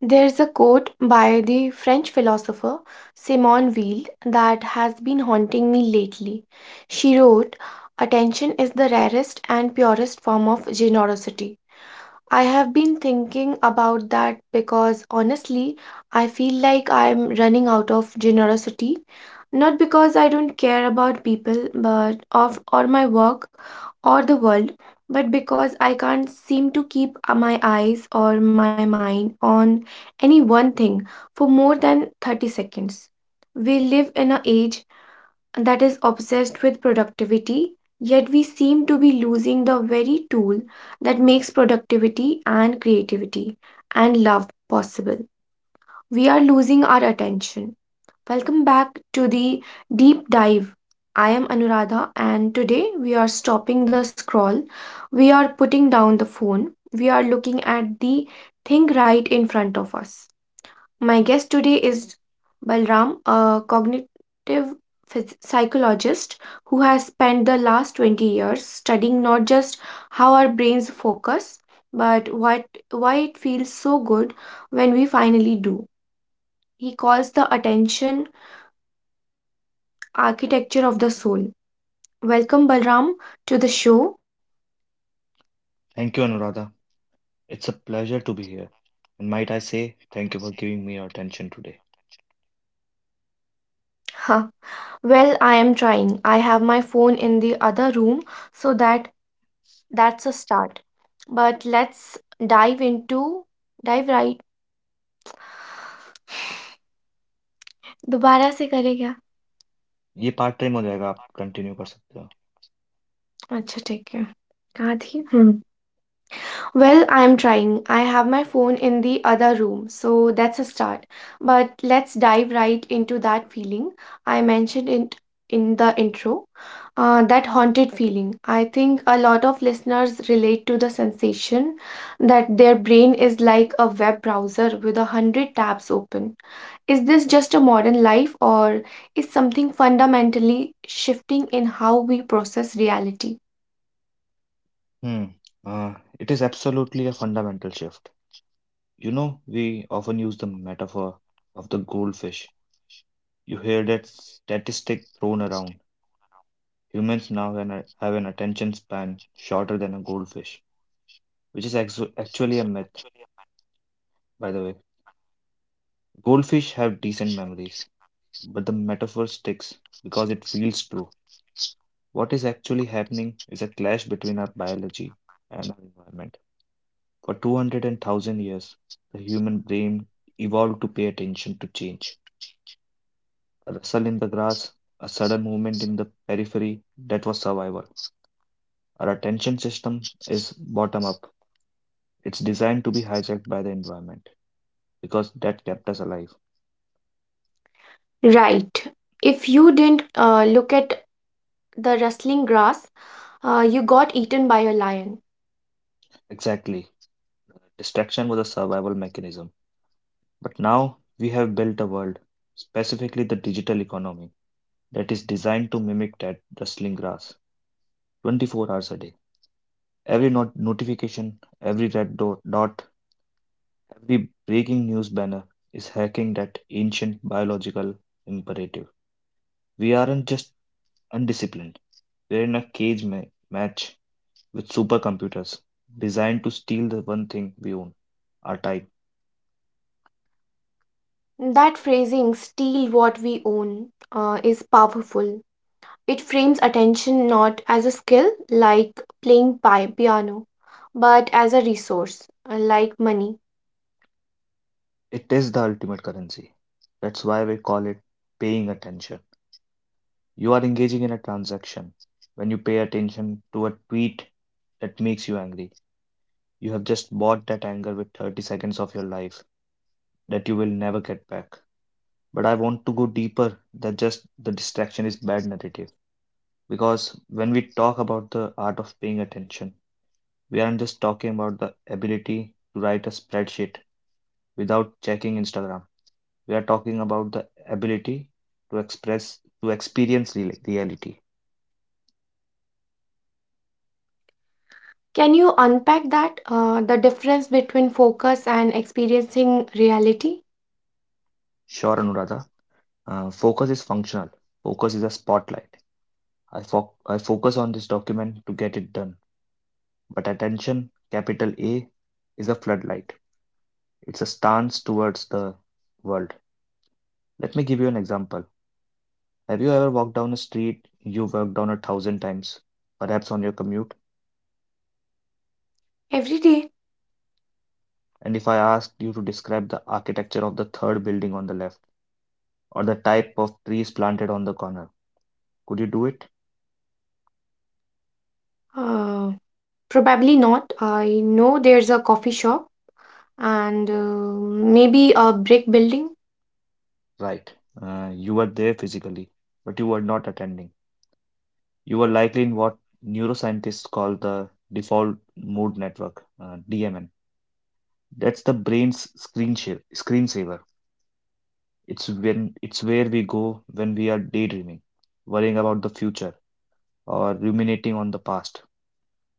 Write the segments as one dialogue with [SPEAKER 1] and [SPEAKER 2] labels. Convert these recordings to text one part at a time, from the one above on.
[SPEAKER 1] There's a quote by the French philosopher Simone Weil that has been haunting me lately. She wrote, "Attention is the rarest and purest form of generosity." I have been thinking about that because honestly, I feel like I'm running out of generosity. Not because I don't care about people, but of or my work or the world, but because I can't seem to keep my eyes or my mind on any one thing for more than 30 seconds. We live in an age that is obsessed with productivity, yet we seem to be losing the very tool that makes productivity and creativity and love possible. We are losing our attention. Welcome back to the deep dive. I am Anuradha, and today we are stopping the scroll. We are putting down the phone. We are looking at the thing right in front of us. My guest today is Balram, a cognitive psychologist who has spent the last 20 years studying not just how our brains focus, but what why it feels so good when we finally do. He calls the attention architecture of the soul. Welcome, Balram, to the show.
[SPEAKER 2] Thank you, Anuradha. It's a pleasure to be here, and might I say, thank you for giving me your attention today.
[SPEAKER 1] Huh. Well, I am trying. I have my phone in the other room so that that's a start. But let's dive into dive right. दोबारा से करे क्या
[SPEAKER 2] ये part time हो जाएगा आप continue कर सकते हो.
[SPEAKER 1] अच्छा ठीक है कहाँ थी हम्म Well, I'm trying. I have my phone in the other room, so that's a start. But let's dive right into that feeling. I mentioned it in the intro. That haunted feeling. I think a lot of listeners relate to the sensation that their brain is like a web browser with a hundred tabs open. Is this just a modern life, or is something fundamentally shifting in how we process reality?
[SPEAKER 2] Hmm. Ah. It is absolutely a fundamental shift. You know, we often use the metaphor of the goldfish. You hear that statistic thrown around? Humans now have an attention span shorter than a goldfish, which is actually a myth, by the way. Goldfish have decent memories, but the metaphor sticks because it feels true. What is actually happening is a clash between our biology and our environment. For 200,000 years, the human brain evolved to pay attention to change. A rustle in the grass, a sudden movement in the periphery, that was survival. Our attention system is bottom up. It's designed to be hijacked by the environment because that kept us alive.
[SPEAKER 1] Right. If you didn't look at the rustling grass, you got eaten by a lion.
[SPEAKER 2] Exactly. Distraction was a survival mechanism. But now we have built a world, specifically the digital economy that is designed to mimic that rustling grass 24 hours a day. Every notification, every red dot, every breaking news banner is hacking that ancient biological imperative. We aren't just undisciplined, we're in a cage match with supercomputers designed to steal the one thing we own, our time.
[SPEAKER 1] That phrasing, steal what we own, is powerful. It frames attention not as a skill like playing piano, but as a resource like money.
[SPEAKER 2] It is the ultimate currency. That's why we call it paying attention. You are engaging in a transaction when you pay attention to a tweet that makes you angry. You have just bought that anger with 30 seconds of your life that you will never get back. But I want to go deeper that just the distraction is bad narrative. Because when we talk about the art of paying attention, we aren't just talking about the ability to write a spreadsheet without checking Instagram. We are talking about the ability to express, to experience reality.
[SPEAKER 1] Can you unpack that? The difference between focus and experiencing reality?
[SPEAKER 2] Sure, Anuradha. Focus is functional. Focus is a spotlight. I focus on this document to get it done. But attention, capital A, is a floodlight. It's a stance towards the world. Let me give you an example. Have you ever walked down a street you've walked down a thousand times, perhaps on your commute?
[SPEAKER 1] Every day?
[SPEAKER 2] And if I asked you to describe the architecture of the third building on the left or the type of trees planted on the corner, could you do it?
[SPEAKER 1] Uh, Probably not. I know there's a coffee shop and maybe a brick building.
[SPEAKER 2] Right. You were there physically, but you were not attending. You were likely in what neuroscientists call the default mode network, DMN. That's the brain's screensaver. It's when it's where we go when we are daydreaming, worrying about the future, or ruminating on the past.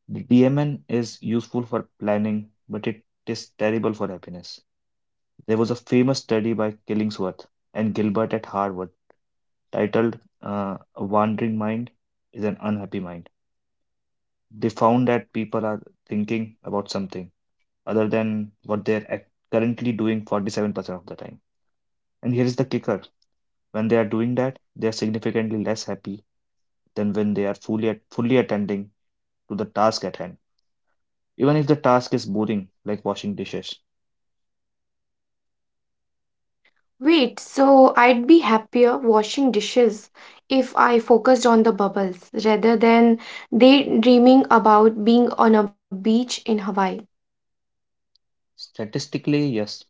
[SPEAKER 2] The DMN is useful for planning, but it is terrible for happiness. There was a famous study by Killingsworth and Gilbert at Harvard titled "A Wandering Mind is an Unhappy Mind." They found that people are thinking about something other than what they're currently doing 47% of the time. And here is the kicker: when they are doing that, they are significantly less happy than when they are fully attending to the task at hand. Even if the task is boring, like washing dishes.
[SPEAKER 1] Wait, so I'd be happier washing dishes if I focused on the bubbles rather than daydreaming about being on a beach in Hawaii.
[SPEAKER 2] Statistically, yes,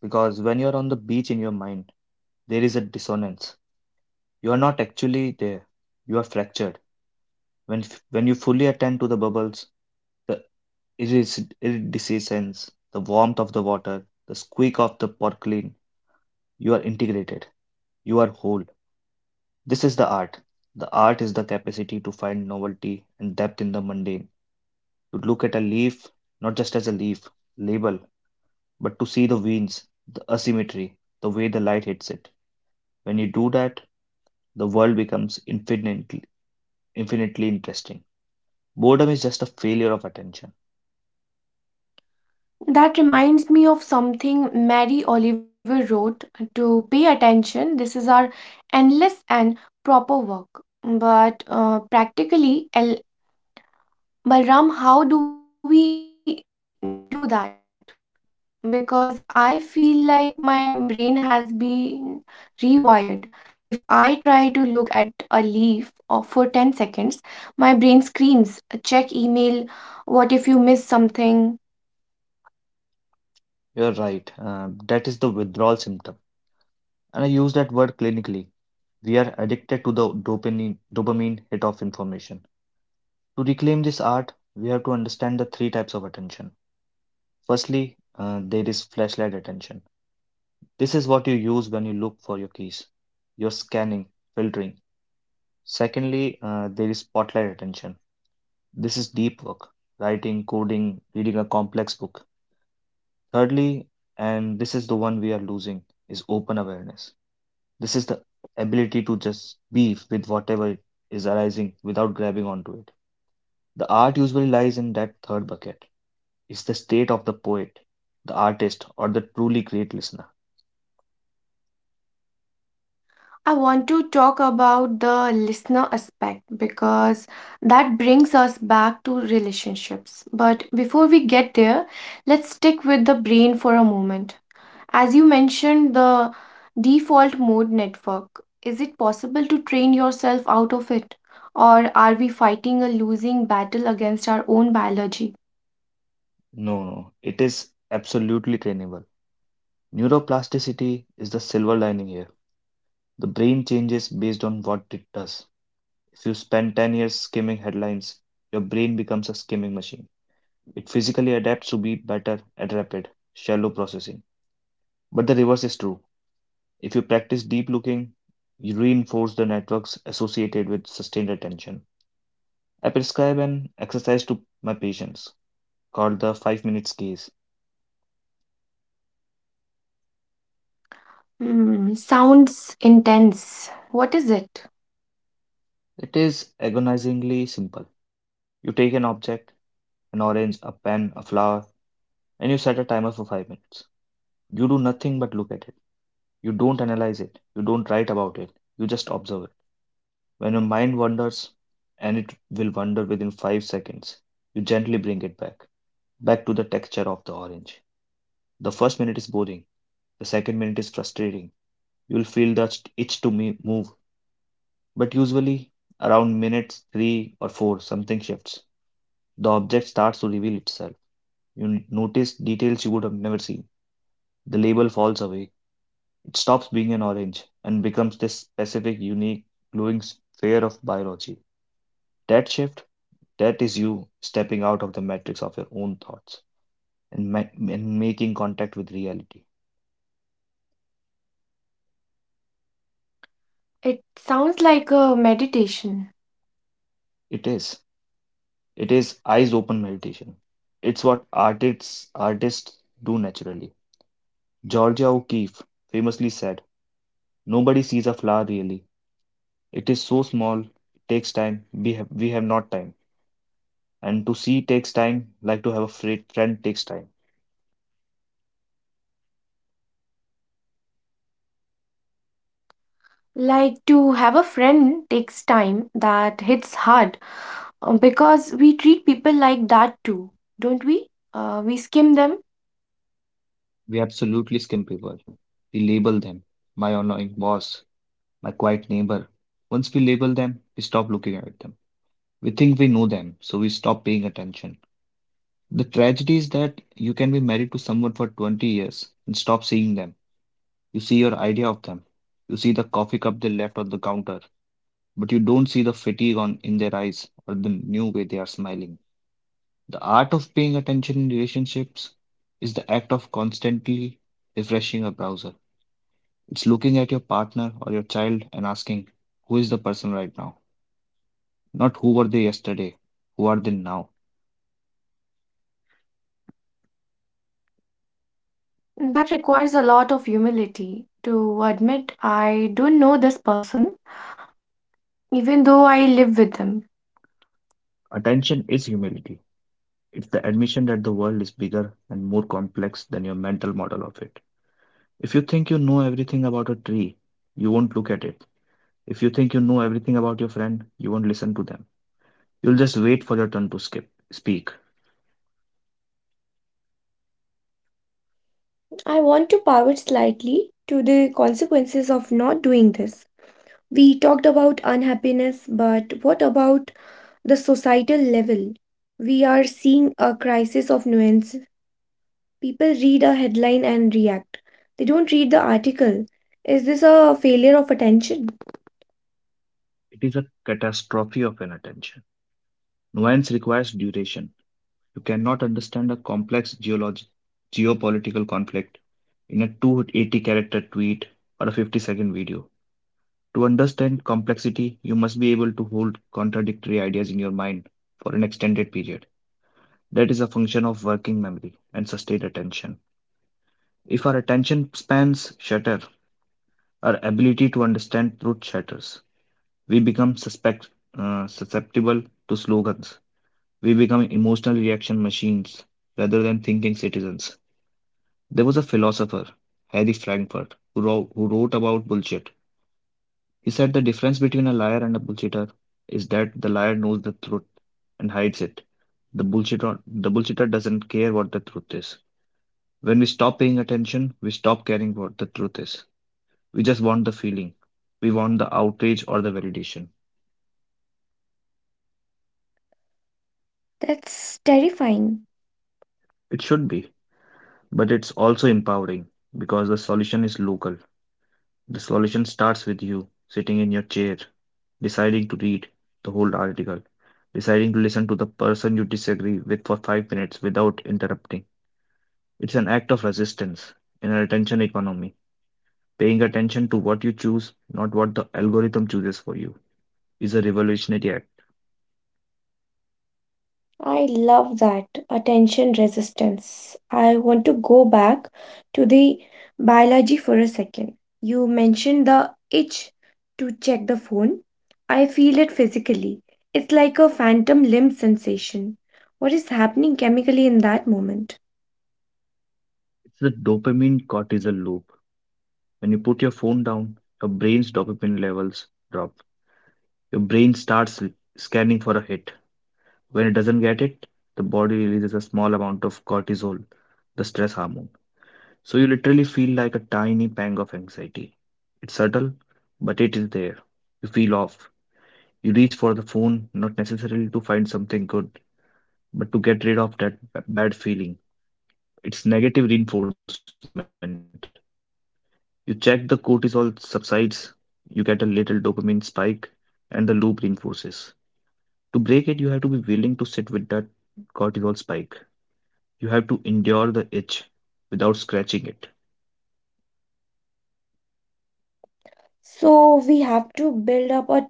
[SPEAKER 2] because when you are on the beach in your mind, there is a dissonance. You are not actually there. You are fractured. When you fully attend to the bubbles, the iridescence, the warmth of the water, the squeak of the porcelain, you are integrated. You are whole. This is the art. The art is the capacity to find novelty and depth in the mundane, to look at a leaf not just as a leaf, label, but to see the veins, the asymmetry, the way the light hits it. When you do that, the world becomes infinitely, infinitely interesting. Boredom is just a failure of attention.
[SPEAKER 1] That reminds me of something Mary Oliver wrote, "To pay attention. This is our endless and proper work." But practically, Balram, how do we do that? Because I feel like my brain has been rewired. If I try to look at a leaf or for 10 seconds, my brain screams, check email, what if you miss something?
[SPEAKER 2] You're right, that is the withdrawal symptom. And I use that word clinically. We are addicted to the dopamine hit of information. To reclaim this art, we have to understand the three types of attention. Firstly, there is flashlight attention. This is what you use when you look for your keys. You're scanning, filtering. Secondly, there is spotlight attention. This is deep work, writing, coding, reading a complex book. Thirdly, and this is the one we are losing, is open awareness. This is the ability to just be with whatever is arising without grabbing onto it. The art usually lies in that third bucket. It's the state of the poet, the artist, or the truly great listener.
[SPEAKER 1] I want to talk about the listener aspect because that brings us back to relationships. But before we get there, let's stick with the brain for a moment. As you mentioned, the default mode network, is it possible to train yourself out of it? Or are we fighting a losing battle against our own biology?
[SPEAKER 2] No, no, it is absolutely trainable. Neuroplasticity is the silver lining here. The brain changes based on what it does. If you spend 10 years skimming headlines, your brain becomes a skimming machine. It physically adapts to be better at rapid, shallow processing. But the reverse is true. If you practice deep looking, you reinforce the networks associated with sustained attention. I prescribe an exercise to my patients called the 5 minutes gaze.
[SPEAKER 1] Hmm, sounds intense. What is it?
[SPEAKER 2] It is agonizingly simple. You take an object, an orange, a pen, a flower, and you set a timer for 5 minutes. You do nothing but look at it. You don't analyze it. You don't write about it. You just observe it. When your mind wanders, and it will wander within 5 seconds, you gently bring it back to the texture of the orange. The first minute is boring. The second minute is frustrating. You will feel the itch to move. But usually, around minutes three or four, something shifts. The object starts to reveal itself. You notice details you would have never seen. The label falls away; it stops being an orange and becomes this specific, unique, glowing sphere of biology. That shift, that is you stepping out of the matrix of your own thoughts and making contact with reality.
[SPEAKER 1] It sounds like a meditation.
[SPEAKER 2] It is. It is eyes open meditation. It's what artists do naturally. Georgia O'Keeffe famously said, "Nobody sees a flower really. It is so small. It takes time. We have not time, and to see takes time, like to have a friend takes time."
[SPEAKER 1] Like to have a friend takes time, that hits hard because we treat people like that too, don't we? We skim them.
[SPEAKER 2] We absolutely skin people. We label them. My annoying boss, my quiet neighbor. Once we label them, we stop looking at them. We think we know them, so we stop paying attention. The tragedy is that you can be married to someone for 20 years and stop seeing them. You see your idea of them. You see the coffee cup they left on the counter, but you don't see the fatigue on in their eyes or the new way they are smiling. The art of paying attention in relationships is the act of constantly refreshing a browser. It's looking at your partner or your child and asking, who is the person right now? Not who were they yesterday, who are they now?
[SPEAKER 1] That requires a lot of humility to admit I don't know this person, even though I live with them.
[SPEAKER 2] Attention is humility. It's the admission that the world is bigger and more complex than your mental model of it. If you think you know everything about a tree, you won't look at it. If you think you know everything about your friend, you won't listen to them. You'll just wait for your turn to speak.
[SPEAKER 1] I want to the consequence of noise. We talked about unhappiness, but what about the societal level? We are seeing a crisis of nuances. People read a headline and react. They don't read the article. Is this a failure of attention?
[SPEAKER 2] It is a catastrophe of inattention. Nuance requires duration. You cannot understand a complex geologic geopolitical conflict in a 280 character tweet or a 50-second video. To understand complexity, you must be able to hold contradictory ideas in your mind for an extended period. That is a function of working memory and sustained attention. If our attention spans shatter, our ability to understand truth shatters. We become susceptible to slogans. We become emotional reaction machines rather than thinking citizens. There was a philosopher, Harry Frankfurt, who wrote about bullshit. He said the difference between a liar and a bullshitter is that the liar knows the truth and hides it. The bullshitter doesn't care what the truth is. When we stop paying attention, we stop caring what the truth is. We just want the feeling. We want the outrage or the validation.
[SPEAKER 1] That's terrifying.
[SPEAKER 2] It should be, but it's also empowering because the solution is local. The solution starts with you sitting in your chair, deciding to read the whole article, deciding to listen to the person you disagree with for 5 minutes without interrupting. It's an act of resistance in a attention economy. Paying attention to what you choose, not what the algorithm chooses for you, is a revolutionary act.
[SPEAKER 1] I love that, attention resistance. I want to go back to the biology for a second. You mentioned the itch to check the phone. I feel it physically. It's like a phantom limb sensation. What is happening chemically in that moment?
[SPEAKER 2] It's the dopamine cortisol loop. When you put your phone down, your brain's dopamine levels drop. Your brain starts scanning for a hit. When it doesn't get it, the body releases a small amount of cortisol, the stress hormone. So you literally feel like a tiny pang of anxiety. It's subtle, but it is there. You feel off. You reach for the phone not necessarily to find something good, but to get rid of that bad feeling. It's negative reinforcement. You check the cortisol subsides, you get a little dopamine spike, and the loop reinforces. To break it, you have to be willing to sit with that cortisol spike. You have to endure the itch without scratching it.
[SPEAKER 1] So,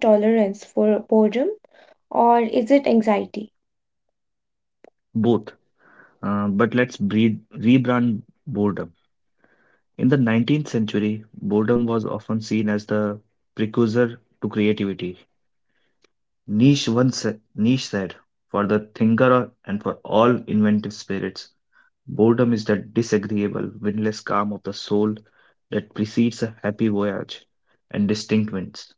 [SPEAKER 1] tolerance for boredom, or is it anxiety?
[SPEAKER 2] Both. But let's rebrand boredom. In the 19th century, boredom was often seen as the precursor to creativity. Nietzsche said, "For the thinker and for all inventive spirits, boredom is that disagreeable, windless calm of the soul that precedes a happy voyage and distinct winds."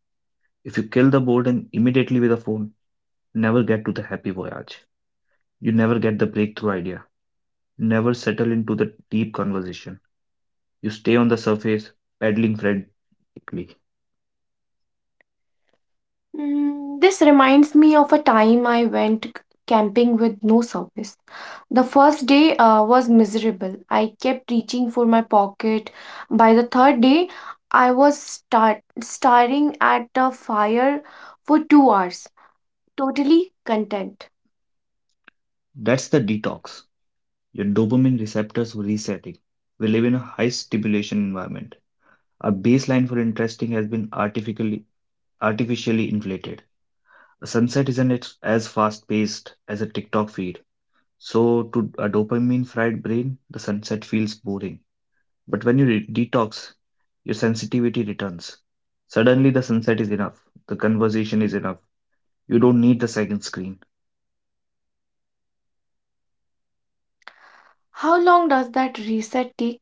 [SPEAKER 2] If you kill the boredom immediately with a phone, you never get to the happy voyage. You never get the breakthrough idea. You never settle into the deep conversation. You stay on the surface, paddling frantically.
[SPEAKER 1] Mm, this reminds me of a time I went camping with no service. The first day was miserable. I kept reaching for my pocket. By the third day, I was start staring at the fire for 2 hours, totally content.
[SPEAKER 2] That's the detox. Your dopamine receptors were resetting. We live in a high stimulation environment. A baseline for interesting has been artificially inflated. A sunset isn't as fast-paced as a TikTok feed. So to a dopamine-fried brain, the sunset feels boring. But when you detox, your sensitivity returns. Suddenly the sunset is enough. The conversation is enough. You don't need the second screen.
[SPEAKER 1] How long does that reset take?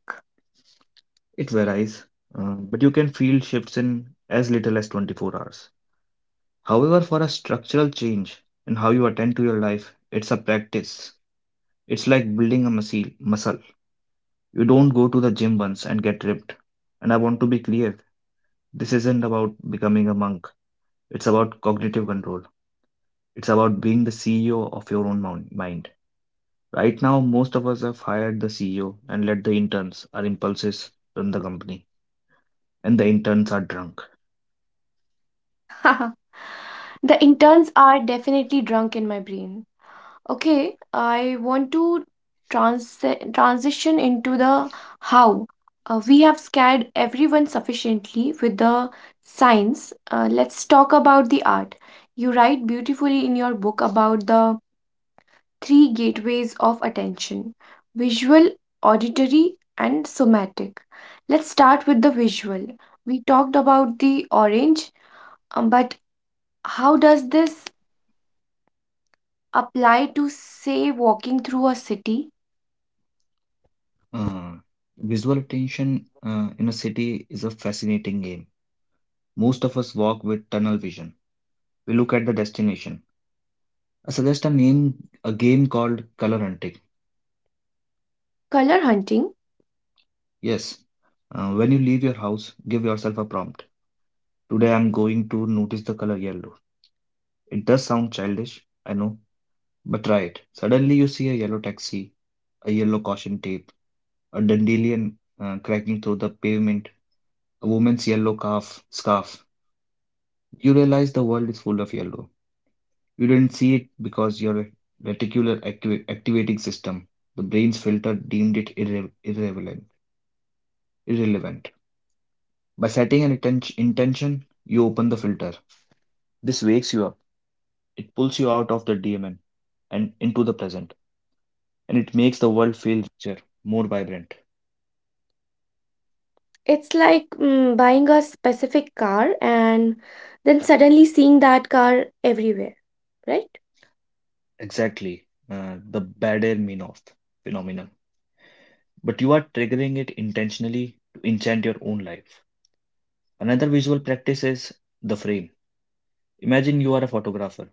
[SPEAKER 2] It varies, but you can feel shifts in as little as 24 hours. However, for a structural change in how you attend to your life, it's a practice. It's like building a muscle. You don't go to the gym once and get ripped. And I want to be clear this isn't about becoming a monk, it's about cognitive control. It's about being the CEO of your own mind. Right now, most of us have hired the CEO and let the interns, our impulses, run the company. And the interns are drunk.
[SPEAKER 1] The interns are definitely drunk in my brain. Okay, I want to trans transition into the how. We have scared everyone sufficiently with the science. Let's talk about the art. You write beautifully in your book about the three gateways of attention: visual, auditory, and somatic. Let's start with the visual. We talked about the orange, but how does this apply to, say, walking through a city?
[SPEAKER 2] Uh, Visual attention in a city is a fascinating game. Most of us walk with tunnel vision. We look at the destination. I suggest a name, a game called color hunting.
[SPEAKER 1] Color hunting,
[SPEAKER 2] Yes. When you leave your house, give yourself a prompt. Today I'm going to notice the color yellow. It does sound childish, I know, but try it. Suddenly you see a yellow taxi, a yellow caution tape, a dandelion cracking through the pavement, a woman's yellow calf scarf. You realize the world is full of yellow. You didn't see it because your reticular activating system, the brain's filter, deemed it irrelevant. Irrelevant. By setting an intention, you open the filter. This wakes you up. It pulls you out of the daemon and into the present, and it makes the world feel richer, more vibrant.
[SPEAKER 1] it's like buying a specific car and then suddenly seeing that car everywhere, right?
[SPEAKER 2] Exactly, the Bader Meinhof phenomenon. But you are triggering it intentionally to enchant your own life. Another visual practice is the frame. Imagine you are a photographer,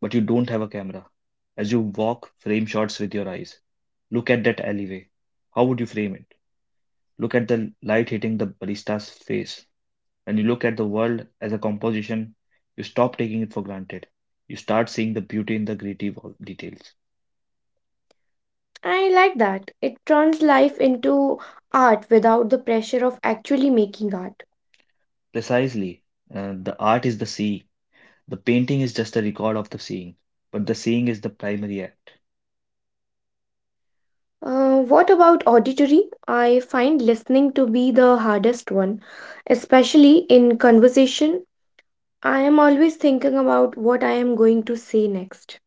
[SPEAKER 2] but you don't have a camera. As you walk, frame shots with your eyes. Look at that alleyway. How would you frame it? Look at the light hitting the barista's face. When you look at the world as a composition, you stop taking it for granted. You start seeing the beauty in the gritty details.
[SPEAKER 1] I like that. It turns life into art without the pressure of actually making art.
[SPEAKER 2] Precisely. The art is the seeing. The painting is just a record of the seeing, but the seeing is the primary act.
[SPEAKER 1] What about auditory? I find listening to be the hardest one, especially in conversation. I am always thinking about what I am going to say next.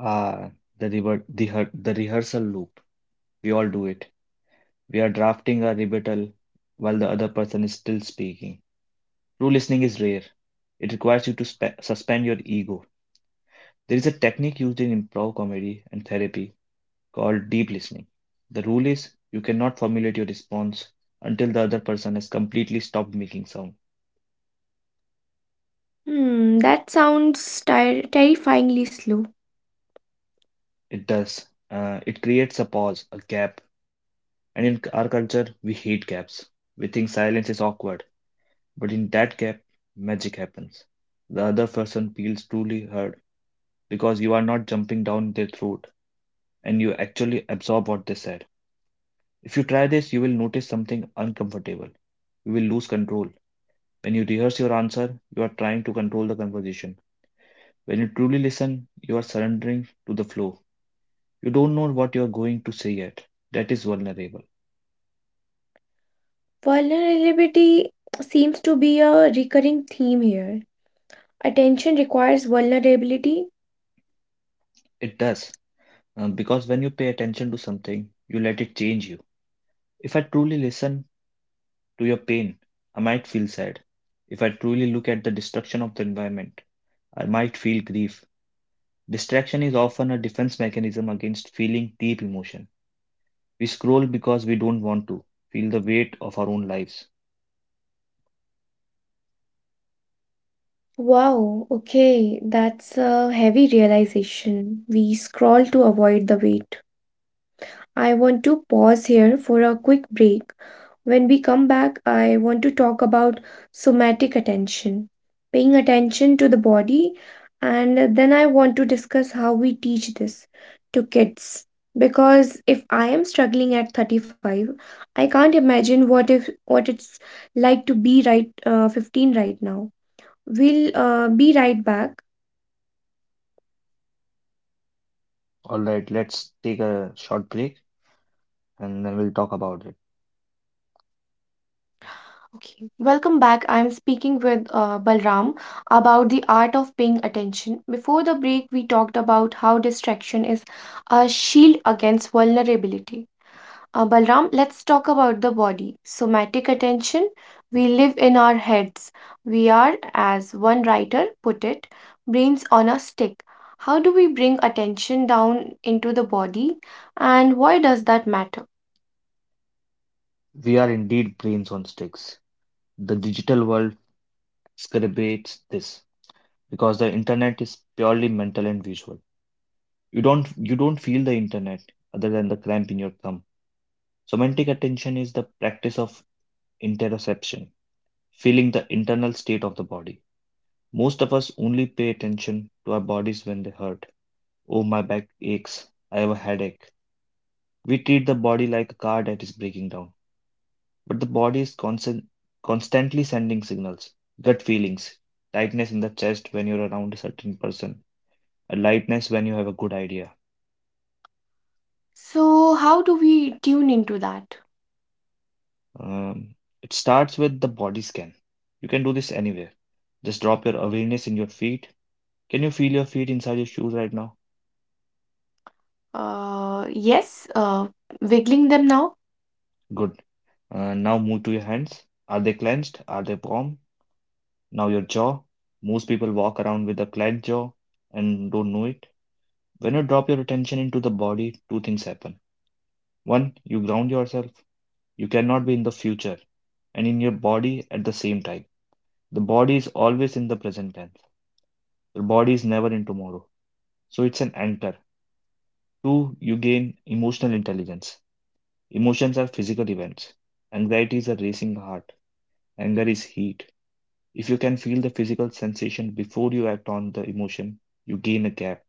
[SPEAKER 2] Ah, the river, the, hea- the rehearsal loop. We all do it. We are drafting a rebuttal while the other person is still speaking. True listening is rare. It requires you to suspend your ego. There is a technique used in improv comedy and therapy called deep listening. The rule is you cannot formulate your response until the other person has completely stopped making sound.
[SPEAKER 1] Hmm, that sounds terrifyingly slow.
[SPEAKER 2] It does. It creates a pause, a gap. And in our culture, we hate gaps. We think silence is awkward. But in that gap, magic happens. The other person feels truly heard because you are not jumping down their throat and you actually absorb what they said. If you try this, you will notice something uncomfortable. You will lose control. When you rehearse your answer, you are trying to control the conversation. When you truly listen, you are surrendering to the flow. You don't know what you are going to say yet. That is vulnerable.
[SPEAKER 1] Vulnerability seems to be a recurring theme here. Attention requires vulnerability.
[SPEAKER 2] It does. Because when you pay attention to something, you let it change you. If I truly listen to your pain, I might feel sad. If I truly look at the destruction of the environment, I might feel grief. Distraction is often a defense mechanism against feeling deep emotion. We scroll because we don't want to feel the weight of our own lives.
[SPEAKER 1] Wow, okay, that's a heavy realization. We scroll to avoid the weight. I want to pause here for a quick break. When we come back, I want to talk about somatic attention, paying attention to the body, and then I want to discuss how we teach this to kids. Because if I am struggling at 35, I can't imagine what if what it's like to be right 15 right now. We'll be right back.
[SPEAKER 2] All right, let's take a short break and then we'll talk about it.
[SPEAKER 1] Okay. Welcome back. I am speaking with Balram about the art of paying attention. Before the break, we talked about how distraction is a shield against vulnerability. Balram, let's talk about the body. Somatic attention. We live in our heads. We are, as one writer put it, brains on a stick. How do we bring attention down into the body, and why does that matter?
[SPEAKER 2] We are indeed brains on sticks. The digital world exacerbates this because the internet is purely mental and visual. You don't feel the internet other than the cramp in your thumb. Semantic attention is the practice of interoception, feeling the internal state of the body. Most of us only pay attention to our bodies when they hurt. Oh, my back aches. I have a headache. We treat the body like a car that is breaking down. But the body is constant, constantly sending signals, gut feelings, tightness in the chest when you're around a certain person, a lightness when you have a good idea.
[SPEAKER 1] So, how do we tune into that?
[SPEAKER 2] It starts with the body scan. You can do this anywhere. Just drop your awareness in your feet. Can you feel your feet inside your shoes right now?
[SPEAKER 1] Yes, wiggling them now.
[SPEAKER 2] Good. Now move to your hands. Are they clenched? Are they warm? Now your jaw. Most people walk around with a clenched jaw and don't know it. When you drop your attention into the body, two things happen. One, you ground yourself. You cannot be in the future and in your body at the same time. The body is always in the present tense. The body is never in tomorrow. So it's an anchor. Two, you gain emotional intelligence. Emotions are physical events. Anxiety is a racing heart. Anger is heat. If you can feel the physical sensation before you act on the emotion, you gain a gap.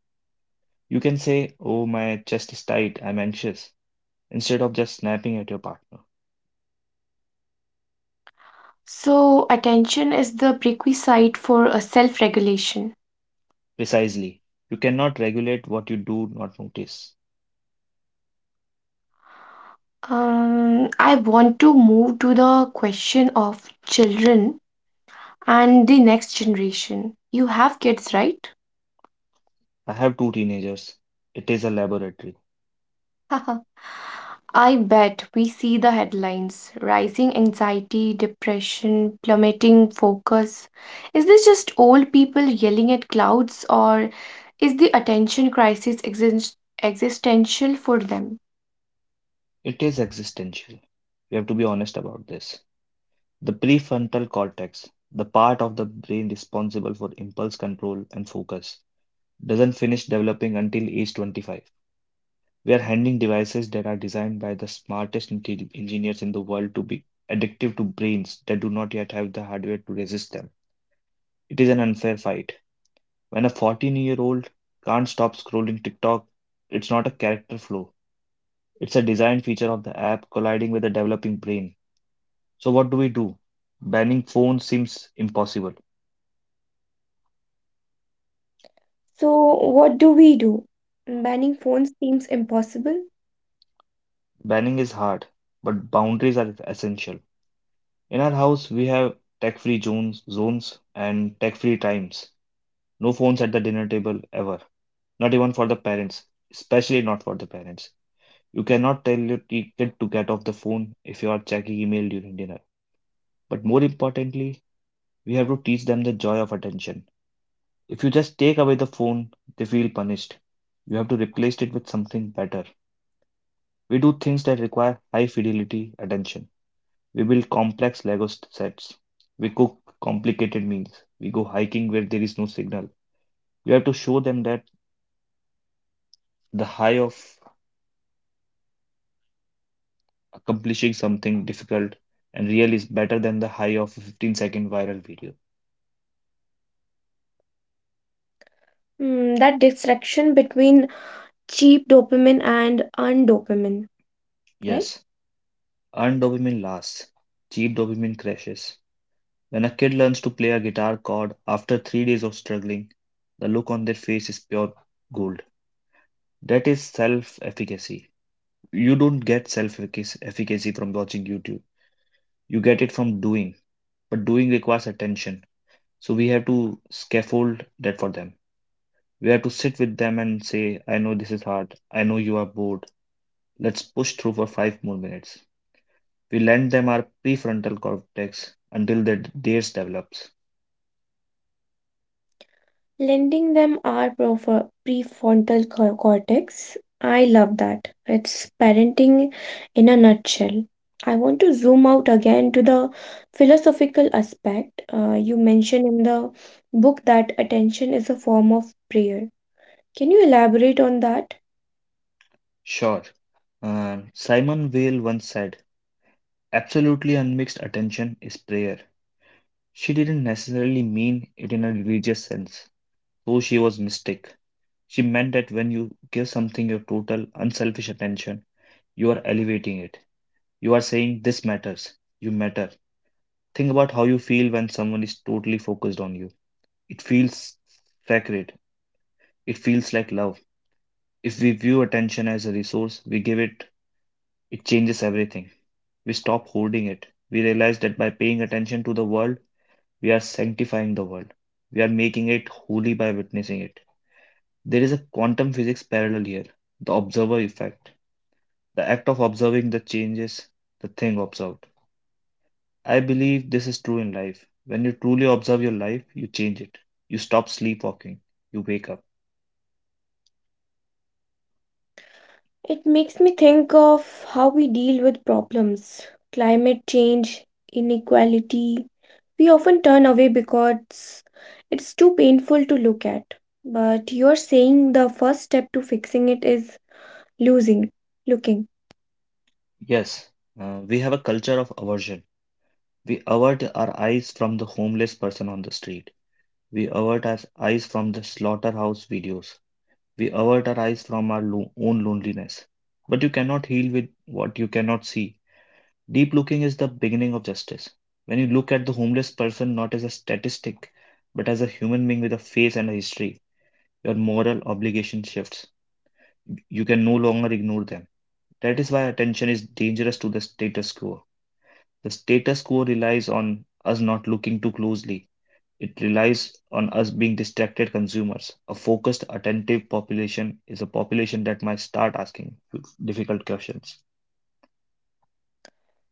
[SPEAKER 2] You can say, "Oh, my chest is tight. I'm anxious." Instead of just snapping at your partner.
[SPEAKER 1] So, attention is the prerequisite for a self-regulation.
[SPEAKER 2] Precisely. You cannot regulate what you do not notice.
[SPEAKER 1] I want to move to the question of children and the next generation. You have kids, right?
[SPEAKER 2] I have two teenagers. It is a laboratory.
[SPEAKER 1] I bet we see the headlines rising anxiety, depression, plummeting focus. Is this just old people yelling at clouds, or is the attention crisis existential for them?
[SPEAKER 2] It is existential. We have to be honest about this. The prefrontal cortex, the part of the brain responsible for impulse control and focus, doesn't finish developing until age 25. We are handing devices that are designed by the smartest engineers in the world to be addictive to brains that do not yet have the hardware to resist them. It is an unfair fight. When a 14-year-old can't stop scrolling TikTok, it's not a character flaw. It's a design feature of the app colliding with a developing brain. So, what do we do? Banning phones seems impossible.
[SPEAKER 1] So, what do we do? Banning phones seems impossible.
[SPEAKER 2] Banning is hard, but boundaries are essential. In our house, we have tech free zones and tech free times. No phones at the dinner table ever, not even for the parents, especially not for the parents. You cannot tell your kid to get off the phone if you are checking email during dinner. But more importantly, we have to teach them the joy of attention. If you just take away the phone, they feel punished. You have to replace it with something better. We do things that require high fidelity attention. We build complex sets. We cook complicated meals. We go hiking where there is no signal. You have to show them that the high of accomplishing something difficult and real is better than the high of a 15-second viral video.
[SPEAKER 1] Hmm, that distinction between cheap dopamine and undopamine, right?
[SPEAKER 2] Yes, earned dopamine lasts, cheap dopamine crashes. When a kid learns to play a guitar chord after 3 days of struggling, the look on their face is pure gold. That is self efficacy. You don't get self efficacy from watching YouTube, you get it from doing. But doing requires attention. So we have to scaffold that for them. We have to sit with them and say, I know this is hard. I know you are bored. Let's push through for 5 more minutes. We lend them our prefrontal cortex until theirs develops.
[SPEAKER 1] Lending them our prefrontal cortex. I love that. It's parenting in a nutshell. I want to zoom out again to the philosophical aspect. You mentioned in the book that attention is a form of prayer. Can you elaborate on that?
[SPEAKER 2] Sure. And Simon Weil once said, absolutely unmixed attention is prayer. She didn't necessarily mean it in a religious sense, though she was mystic. She meant that when you give something your total, unselfish attention, you are elevating it. You are saying, This matters. You matter. Think about how you feel when someone is totally focused on you. It feels sacred. It feels like love. If we view attention as a resource, we give it, it changes everything. We stop holding it. We realize that by paying attention to the world, we are sanctifying the world. We are making it holy by witnessing it. There is a quantum physics parallel here, the observer effect, the act of observing that changes the thing observed. I believe this is true in life. When you truly observe your life, you change it. You stop sleepwalking, you wake up.
[SPEAKER 1] It makes me think of how we deal with problems, climate change, inequality. We often turn away because it's too painful to look at. But you're saying the first step to fixing it is losing, looking.
[SPEAKER 2] Yes, we have a culture of aversion. We avert our eyes from the homeless person on the street. We avert our eyes from the slaughterhouse videos. We avert our eyes from our own loneliness. But you cannot heal with what you cannot see. Deep looking is the beginning of justice. When you look at the homeless person not as a statistic, but as a human being with a face and a history, your moral obligation shifts. You can no longer ignore them. That is why attention is dangerous to the status quo. The status quo relies on us not looking too closely; it relies on us being distracted consumers. A focused, attentive population is a population that might start asking difficult questions.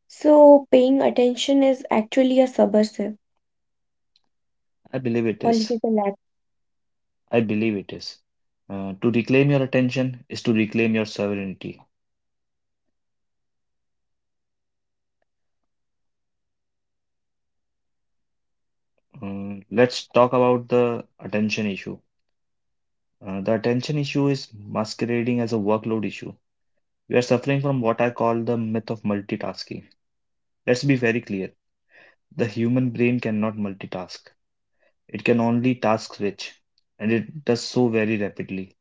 [SPEAKER 1] So paying attention is actually a subversive
[SPEAKER 2] I believe it is.
[SPEAKER 1] political act.
[SPEAKER 2] I believe it is. To reclaim your attention is to reclaim your sovereignty. Let's talk about the attention issue. The attention issue is masquerading as a workload issue. We are suffering from what I call the myth of multitasking. Let's be very clear: the human brain cannot multitask. It can only task switch, and it does so very rapidly.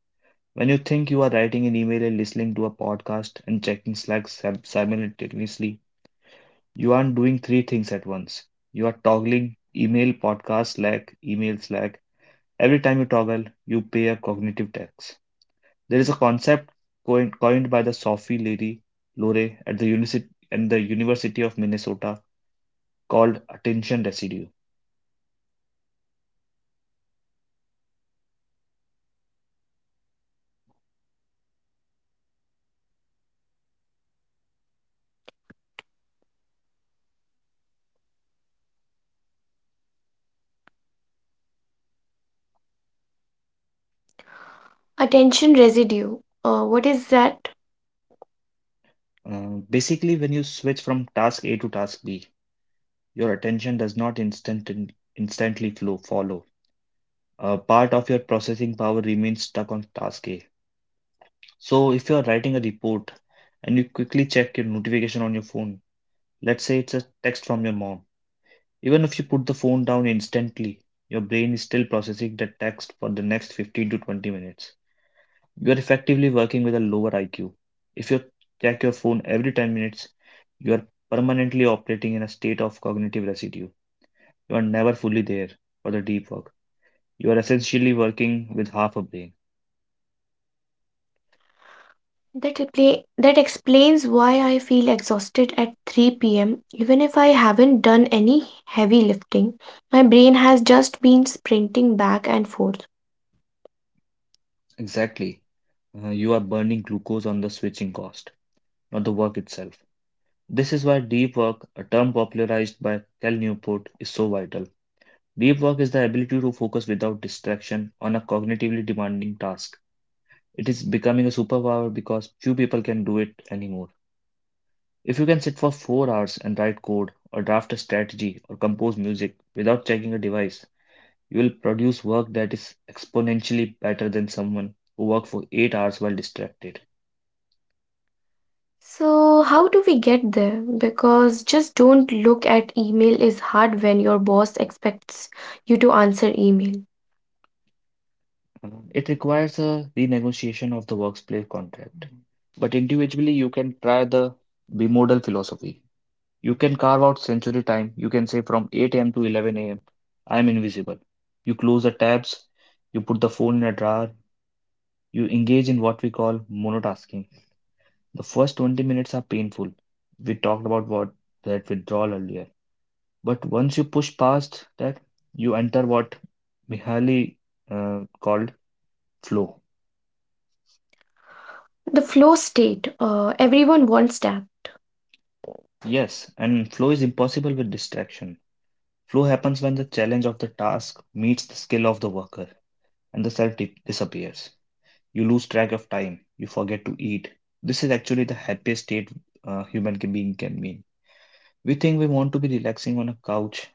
[SPEAKER 2] When you think you are writing an email and listening to a podcast and checking Slack simultaneously, you aren't doing three things at once. You are toggling email, podcast, Slack, email, Slack. Every time you toggle, you pay a cognitive tax. There is a concept coined by the Sophie Leary Lore at the, unici- and the University of Minnesota called attention residue.
[SPEAKER 1] Attention residue. What is that?
[SPEAKER 2] Basically, when you switch from task A to task B, your attention does not instantly flow follow. A part of your processing power remains stuck on task A. So if you are writing a report and you quickly check your notification on your phone, let's say it's a text from your mom. Even if you put the phone down instantly, your brain is still processing that text for the next 15 to 20 minutes. You are effectively working with a lower IQ. If you check your phone every 10 minutes, you are permanently operating in a state of cognitive residue. You are never fully there for the deep work. You are essentially working with half a brain.
[SPEAKER 1] That repla That explains why I feel exhausted at 3 p.m. Even if I haven't done any heavy lifting, my brain has just been sprinting back and forth.
[SPEAKER 2] Exactly. You are burning glucose on the switching cost, not the work itself. This is why deep work, a term popularized by Cal Newport, is so vital. Deep work is the ability to focus without distraction on a cognitively demanding task. It is becoming a superpower because few people can do it anymore. If you can sit for 4 hours and write code, or draft a strategy, or compose music without checking a device, you will produce work that is exponentially better than someone who worked for 8 hours while distracted.
[SPEAKER 1] So, how do we get there? Because just don't look at email is hard when your boss expects you to answer email.
[SPEAKER 2] It requires a renegotiation of the workplace contract. But individually, you can try the bimodal philosophy. You can carve out sensory time. You can say from 8 a.m. to 11 a.m., I am invisible. You close the tabs, you put the phone in a drawer, you engage in what we call monotasking. The first 20 minutes are painful. We talked about what that withdrawal earlier. But once you push past that, you enter what Mihaly called flow.
[SPEAKER 1] The flow state, everyone wants that.
[SPEAKER 2] Yes, and flow is impossible with distraction. Flow happens when the challenge of the task meets the skill of the worker and the self disappears. You lose track of time, you forget to eat. This is actually the happiest state human being can be. We think we want to be relaxing on a couch,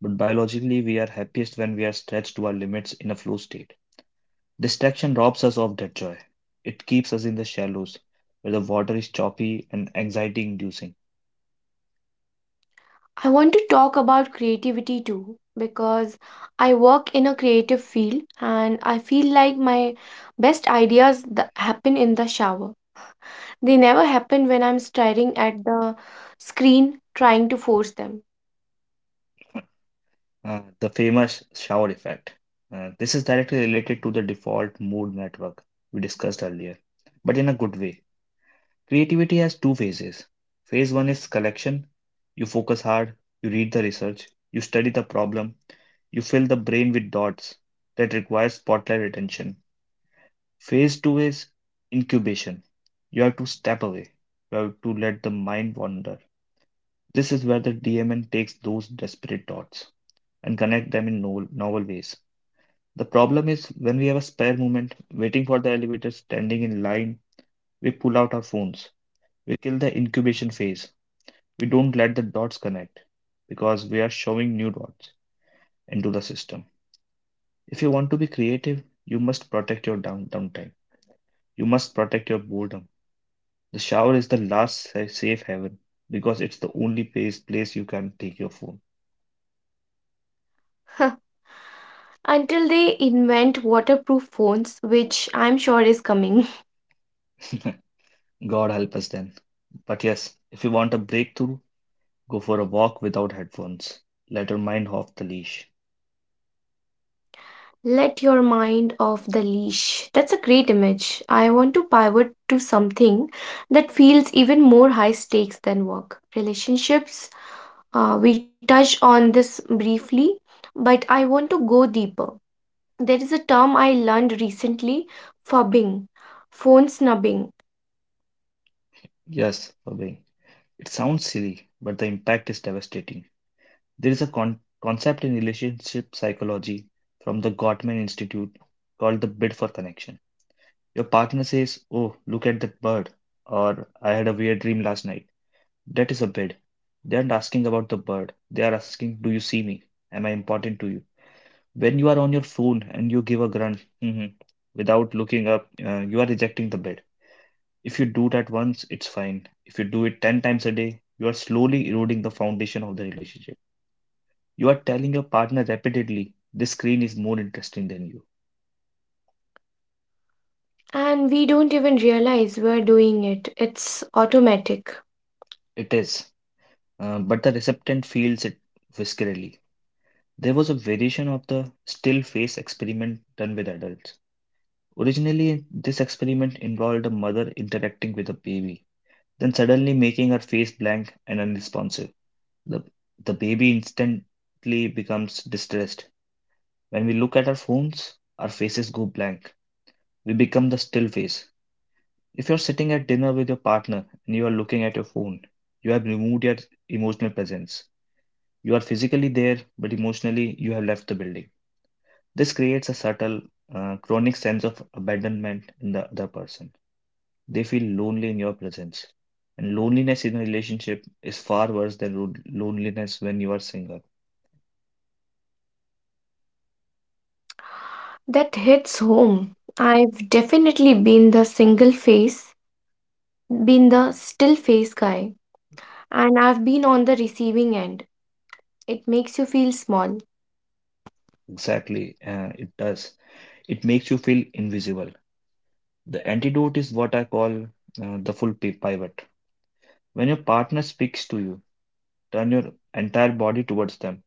[SPEAKER 2] but biologically we are happiest when we are stretched to our limits in a flow state. Distraction robs us of that joy. It keeps us in the shallows where the water is choppy and anxiety inducing.
[SPEAKER 1] I want to talk about creativity too because I work in a creative field and I feel like my best ideas happen in the shower. They never happen when I'm staring at the screen trying to force them.
[SPEAKER 2] The famous shower effect. This is directly related to the default mode network we discussed earlier, but in a good way. Creativity has two phases. Phase one is collection. You focus hard, you read the research, you study the problem, you fill the brain with dots that require spotlight attention. Phase two is incubation. You have to step away. You have to let the mind wander. This is where the DMN takes those desperate thoughts and connect them in novel ways. The problem is when we have a spare moment, waiting for the elevator, standing in line, we pull out our phones. We kill the incubation phase. We don't let the dots connect because we are showing new dots into the system. If you want to be creative, you must protect your downtime. You must protect your boredom. The shower is the last safe haven because it's the only place you can take your phone.
[SPEAKER 1] Until they invent waterproof phones, which I'm sure is coming.
[SPEAKER 2] God help us then. But yes, if you want a breakthrough, go for a walk without headphones. Let your mind off the leash.
[SPEAKER 1] Let your mind off the leash. That's a great image. I want to pivot to something that feels even more high stakes than work. Relationships, we touched on this briefly, but I want to go deeper. There is a term I learned recently, fubbing, phone snubbing,
[SPEAKER 2] Yes, Fabian. It sounds silly, but the impact is devastating. There is a concept in relationship psychology from the Gottman Institute called the bid for connection. Your partner says, "Oh, look at that bird," or "I had a weird dream last night." That is a bid. They aren't asking about the bird. They are asking, do you see me? Am I important to you? When you are on your phone and you give a grunt "Mhm," without looking up, you are rejecting the bid. If you do that once, it's fine. If you do it 10 times a day, you are slowly eroding the foundation of the relationship. You are telling your partner repeatedly, this screen is more interesting than you.
[SPEAKER 1] and we don't even realize we're doing it. It's automatic.
[SPEAKER 2] It is, but the recipient feels it viscerally. There was a variation of the still face experiment done with adults. Originally, this experiment involved a mother interacting with a baby, then suddenly making her face blank and unresponsive. The, the baby instantly becomes distressed. When we look at our phones, our faces go blank. We become the still face. If you're sitting at dinner with your partner and you are looking at your phone, you have removed your emotional presence. You are physically there, but emotionally, you have left the building. This creates a subtle, chronic sense of abandonment in the other person. They feel lonely in your presence. And loneliness in a relationship is far worse than loneliness when you are single.
[SPEAKER 1] That hits home. I've definitely been the single face, been the still face guy and I've been on the receiving end. It makes you feel small.
[SPEAKER 2] Exactly, it does. It makes you feel invisible. The antidote is what I call the full pivot. When your partner speaks to you, turn your entire body towards them.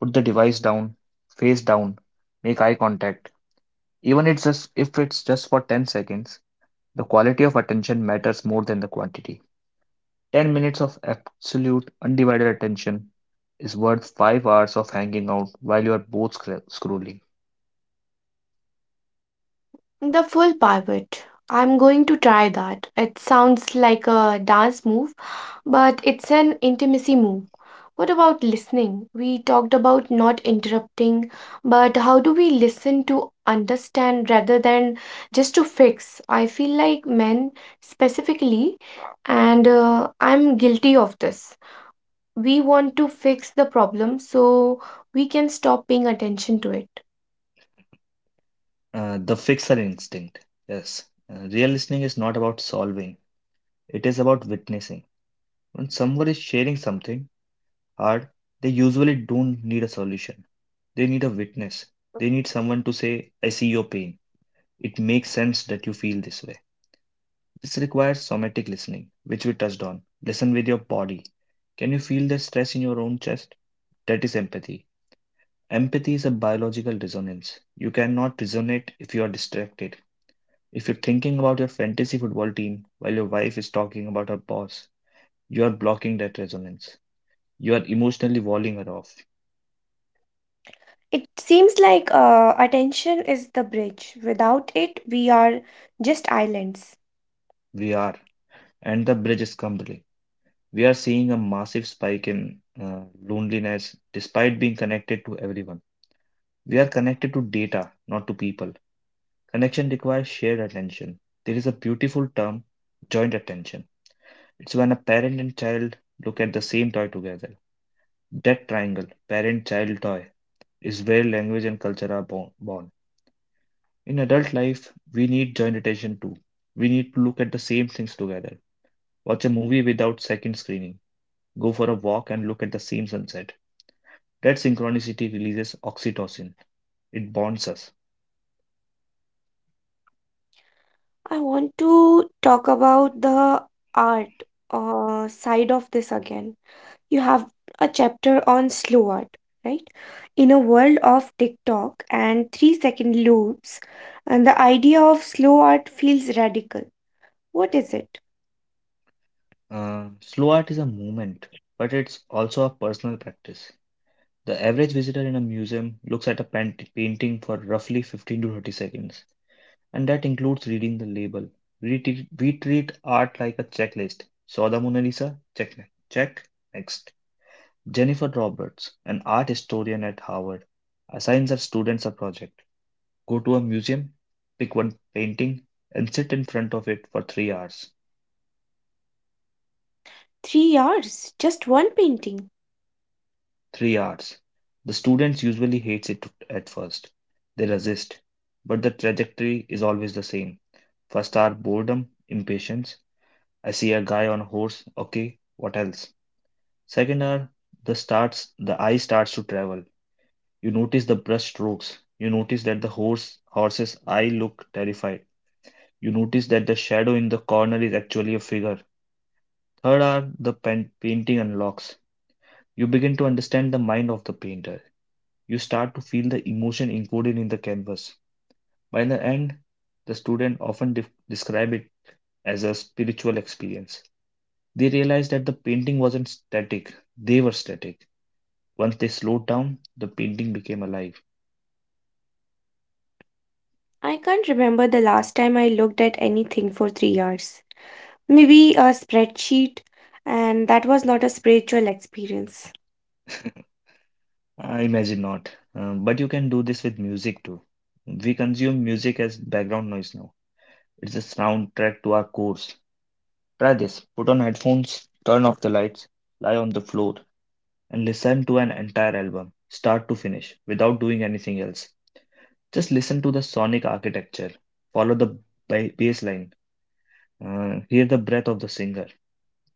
[SPEAKER 2] Put the device down, face down, make eye contact. Even it's just if it's just for 10 seconds, the quality of attention matters more than the quantity. 10 minutes of absolute undivided attention is worth 5 hours of hanging out while you are both scrolling.
[SPEAKER 1] The full pivot. I'm going to try that. It sounds like a dance move, but it's an intimacy move. What about listening? We talked about not interrupting, but how do we listen to understand rather than just to fix? I feel like men specifically, and I'm guilty of this. We want to fix the problem so we can stop paying attention to it.
[SPEAKER 2] The fixer instinct. Yes. Real listening is not about solving, it is about witnessing. When someone is sharing something hard, they usually don't need a solution. They need a witness. They need someone to say, I see your pain. It makes sense that you feel this way. This requires somatic listening, which we touched on. Listen with your body. Can you feel the stress in your own chest? That is empathy. Empathy is a biological resonance. You cannot resonate if you are distracted. If you're thinking about your fantasy football team while your wife is talking about her boss, you are blocking that resonance. You are emotionally walling her off.
[SPEAKER 1] It seems like attention is the bridge. Without it, we are just islands.
[SPEAKER 2] We are. And the bridge is crumbling. We are seeing a massive spike in loneliness despite being connected to everyone. We are connected to data, not to people. Connection requires shared attention. There is a beautiful term, joint attention. It's when a parent and child look at the same toy together. That triangle, parent child toy, is where language and culture are born. In adult life, we need joint attention too. We need to look at the same things together. Watch a movie without second screening. Go for a walk and look at the same sunset. That synchronicity releases oxytocin. It bonds us.
[SPEAKER 1] I want to talk about the art side of this again. You have a chapter on slow art, right? In a world of TikTok and 3 second loops, and the idea of slow art feels radical. What is it?
[SPEAKER 2] Slow art is a movement, but it's also a personal practice. The average visitor in a museum looks at a painting for roughly 15 to 30 seconds, and that includes reading the label. We treat art like a checklist. Saw the Mona Lisa? Check. Check. Next. Jennifer Roberts, an art historian at Harvard, assigns her students a project. Go to a museum, pick one painting, and sit in front of it for 3 hours.
[SPEAKER 1] 3 hours, just one painting.
[SPEAKER 2] 3 hours. The students usually hate it at first. They resist, but the trajectory is always the same. First are boredom, impatience. I see a guy on a horse. Okay, what else? Second are the eye starts to travel. You notice the brush strokes. You notice that the horse's eye look terrified. You notice that the shadow in the corner is actually a figure. Third are painting unlocks. You begin to understand the mind of the painter. You start to feel the emotion encoded in the canvas. By the end, the student often describe it as a spiritual experience. They realized that the painting wasn't static, they were static. Once they slowed down, the painting became alive.
[SPEAKER 1] I can't remember the last time I looked at anything for 3 years. Maybe a spreadsheet, and that was not a spiritual experience.
[SPEAKER 2] I imagine not. But you can do this with music too. We consume music as background noise now. It's a soundtrack to our course. Try this. Put on headphones, turn off the lights, lie on the floor, and listen to an entire album, start to finish, without doing anything else. Just listen to the sonic architecture. Follow the bass line. Hear the breath of the singer.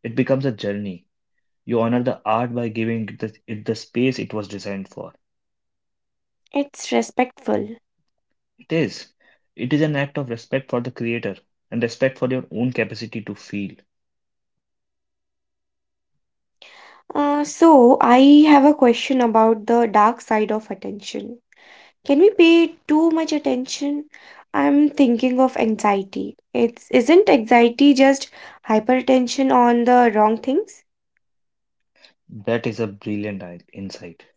[SPEAKER 2] It becomes a journey. You honor the art by giving it the space it was designed for.
[SPEAKER 1] It's respectful.
[SPEAKER 2] It is. It is an act of respect for the creator and respect for your own capacity to feel.
[SPEAKER 1] So I have a question about the dark side of attention. Can we pay too much attention? I'm thinking of anxiety. It's isn't anxiety just hypertension on the wrong things?
[SPEAKER 2] That is a brilliant insight.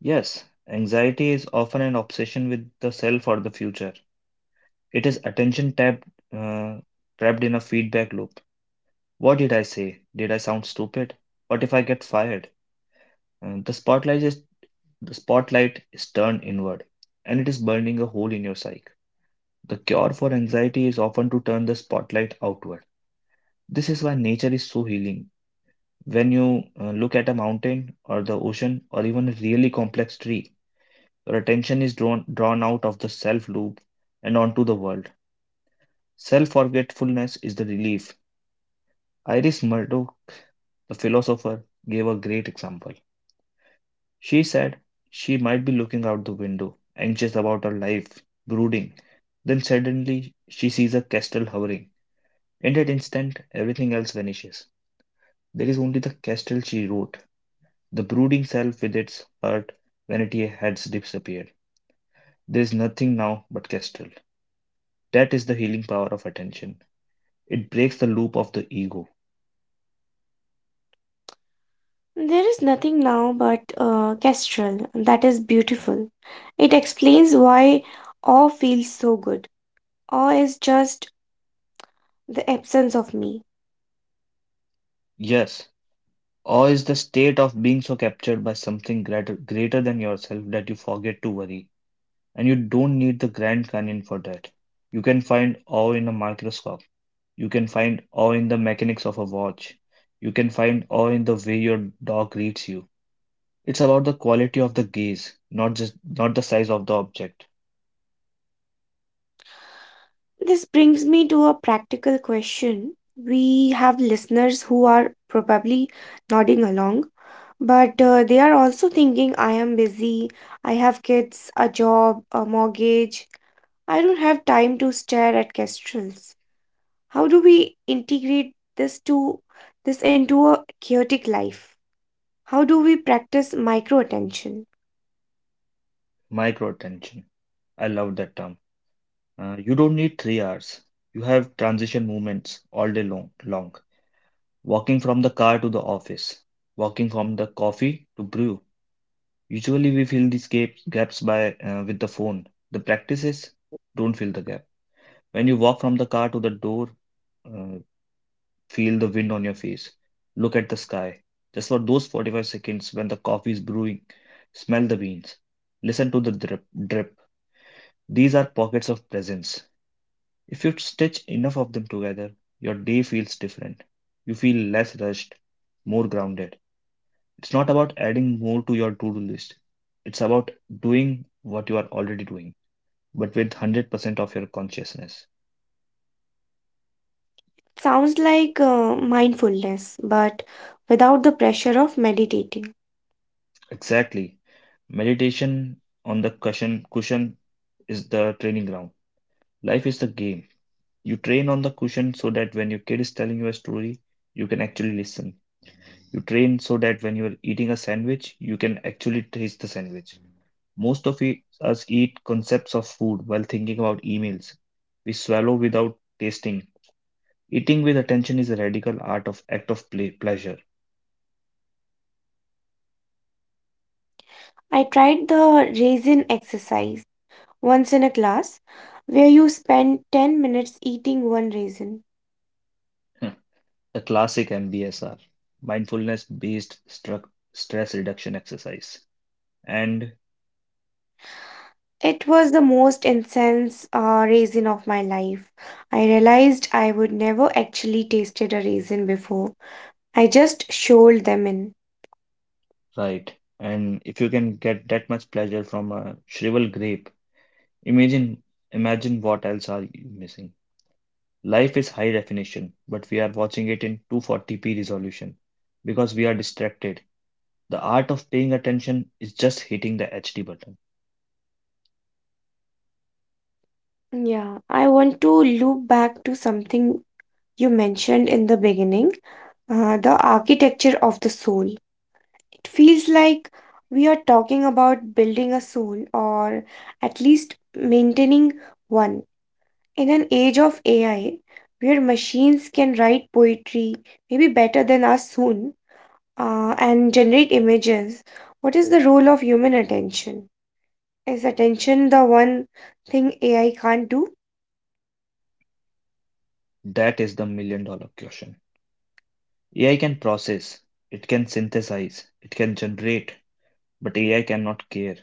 [SPEAKER 2] Yes, anxiety is often an obsession with the self or the future. It is attention trapped in a feedback loop. What did I say? Did I sound stupid? What if I get fired? Uh, the spotlight is the spotlight is turned inward, and it is burning a hole in your psyche. The cure for anxiety is often to turn the spotlight outward. This is why nature is so healing. When you look at a mountain or the ocean or even a really complex tree, your attention is drawn out of the self loop and onto the world. Self forgetfulness is the relief. Iris Murdoch, the philosopher, gave a great example. She said she might be looking out the window, anxious about her life, brooding. Then suddenly she sees a kestrel hovering. In that instant, everything else vanishes. There is only the castle, she wrote, the brooding self with its hurt, vanity has disappeared. There is nothing now but castle. That is the healing power of attention. It breaks the loop of the ego.
[SPEAKER 1] There is nothing now but kestrel. That is beautiful. It explains why awe feels so good. Awe is just the absence of me.
[SPEAKER 2] Yes, awe is the state of being so captured by something greater than yourself that you forget to worry. And you don't need the Grand Canyon for that. You can find awe in a microscope. You can find awe in the mechanics of a watch. You can find awe in the way your dog greets you. It's about the quality of the gaze, not the size of the object.
[SPEAKER 1] This brings me to a practical question. We have listeners who are probably nodding along, but they are also thinking, I am busy, I have kids, a job, a mortgage, I don't have time to stare at kestrels. How do we integrate this into a chaotic life? How do we practice micro attention?
[SPEAKER 2] Micro attention. I love that term. You don't need 3 hours. You have transition movements all day long. Walking from the car to the office, walking from the coffee to brew. Usually, we fill these gaps by with the phone. The practice is don't fill the gap. When you walk from the car to the door, uh, feel the wind on your face. Look at the sky. Just for those 45 seconds when the coffee is brewing, smell the beans. Listen to the drip. These are pockets of presence. If you stitch enough of them together, your day feels different. You feel less rushed, more grounded. It's not about adding more to your to do list, it's about doing what you are already doing, but with 100% of your consciousness.
[SPEAKER 1] Sounds like mindfulness but without the pressure of meditating.
[SPEAKER 2] Exactly. Meditation on the cushion is the training ground. Life is a game. You train on the cushion so that when your kid is telling you a story, you can actually listen. You train so that when you're eating a sandwich, you can actually taste the sandwich. Most of us eat concepts of food while thinking about emails. We swallow without tasting. Eating with attention is a radical art of act of pleasure.
[SPEAKER 1] I tried the raisin exercise once in a class where you spend 10 minutes eating one raisin.
[SPEAKER 2] Hmm. The classic MBSR, mindfulness based stress reduction exercise. And
[SPEAKER 1] It was the most intense raisin of my life. I realized I would never actually tasted a raisin before. I just shoveled them in.
[SPEAKER 2] right. And if you can get that much pleasure from a shriveled grape, imagine imagine what else are you missing. Life is high definition, but we are watching it in 240p resolution because we are distracted. The art of paying attention is just hitting the HD button.
[SPEAKER 1] Yeah, I want to loop back to something you mentioned in the beginning, the architecture of the soul. It feels like we are talking about building a soul or at least maintaining one. In an age of AI, where machines can write poetry, maybe better than us soon, and generate images, what is the role of human attention? Is attention the one thing AI can't do?
[SPEAKER 2] That is the $1 million question. AI can process, it can synthesize, it can generate, but AI cannot care.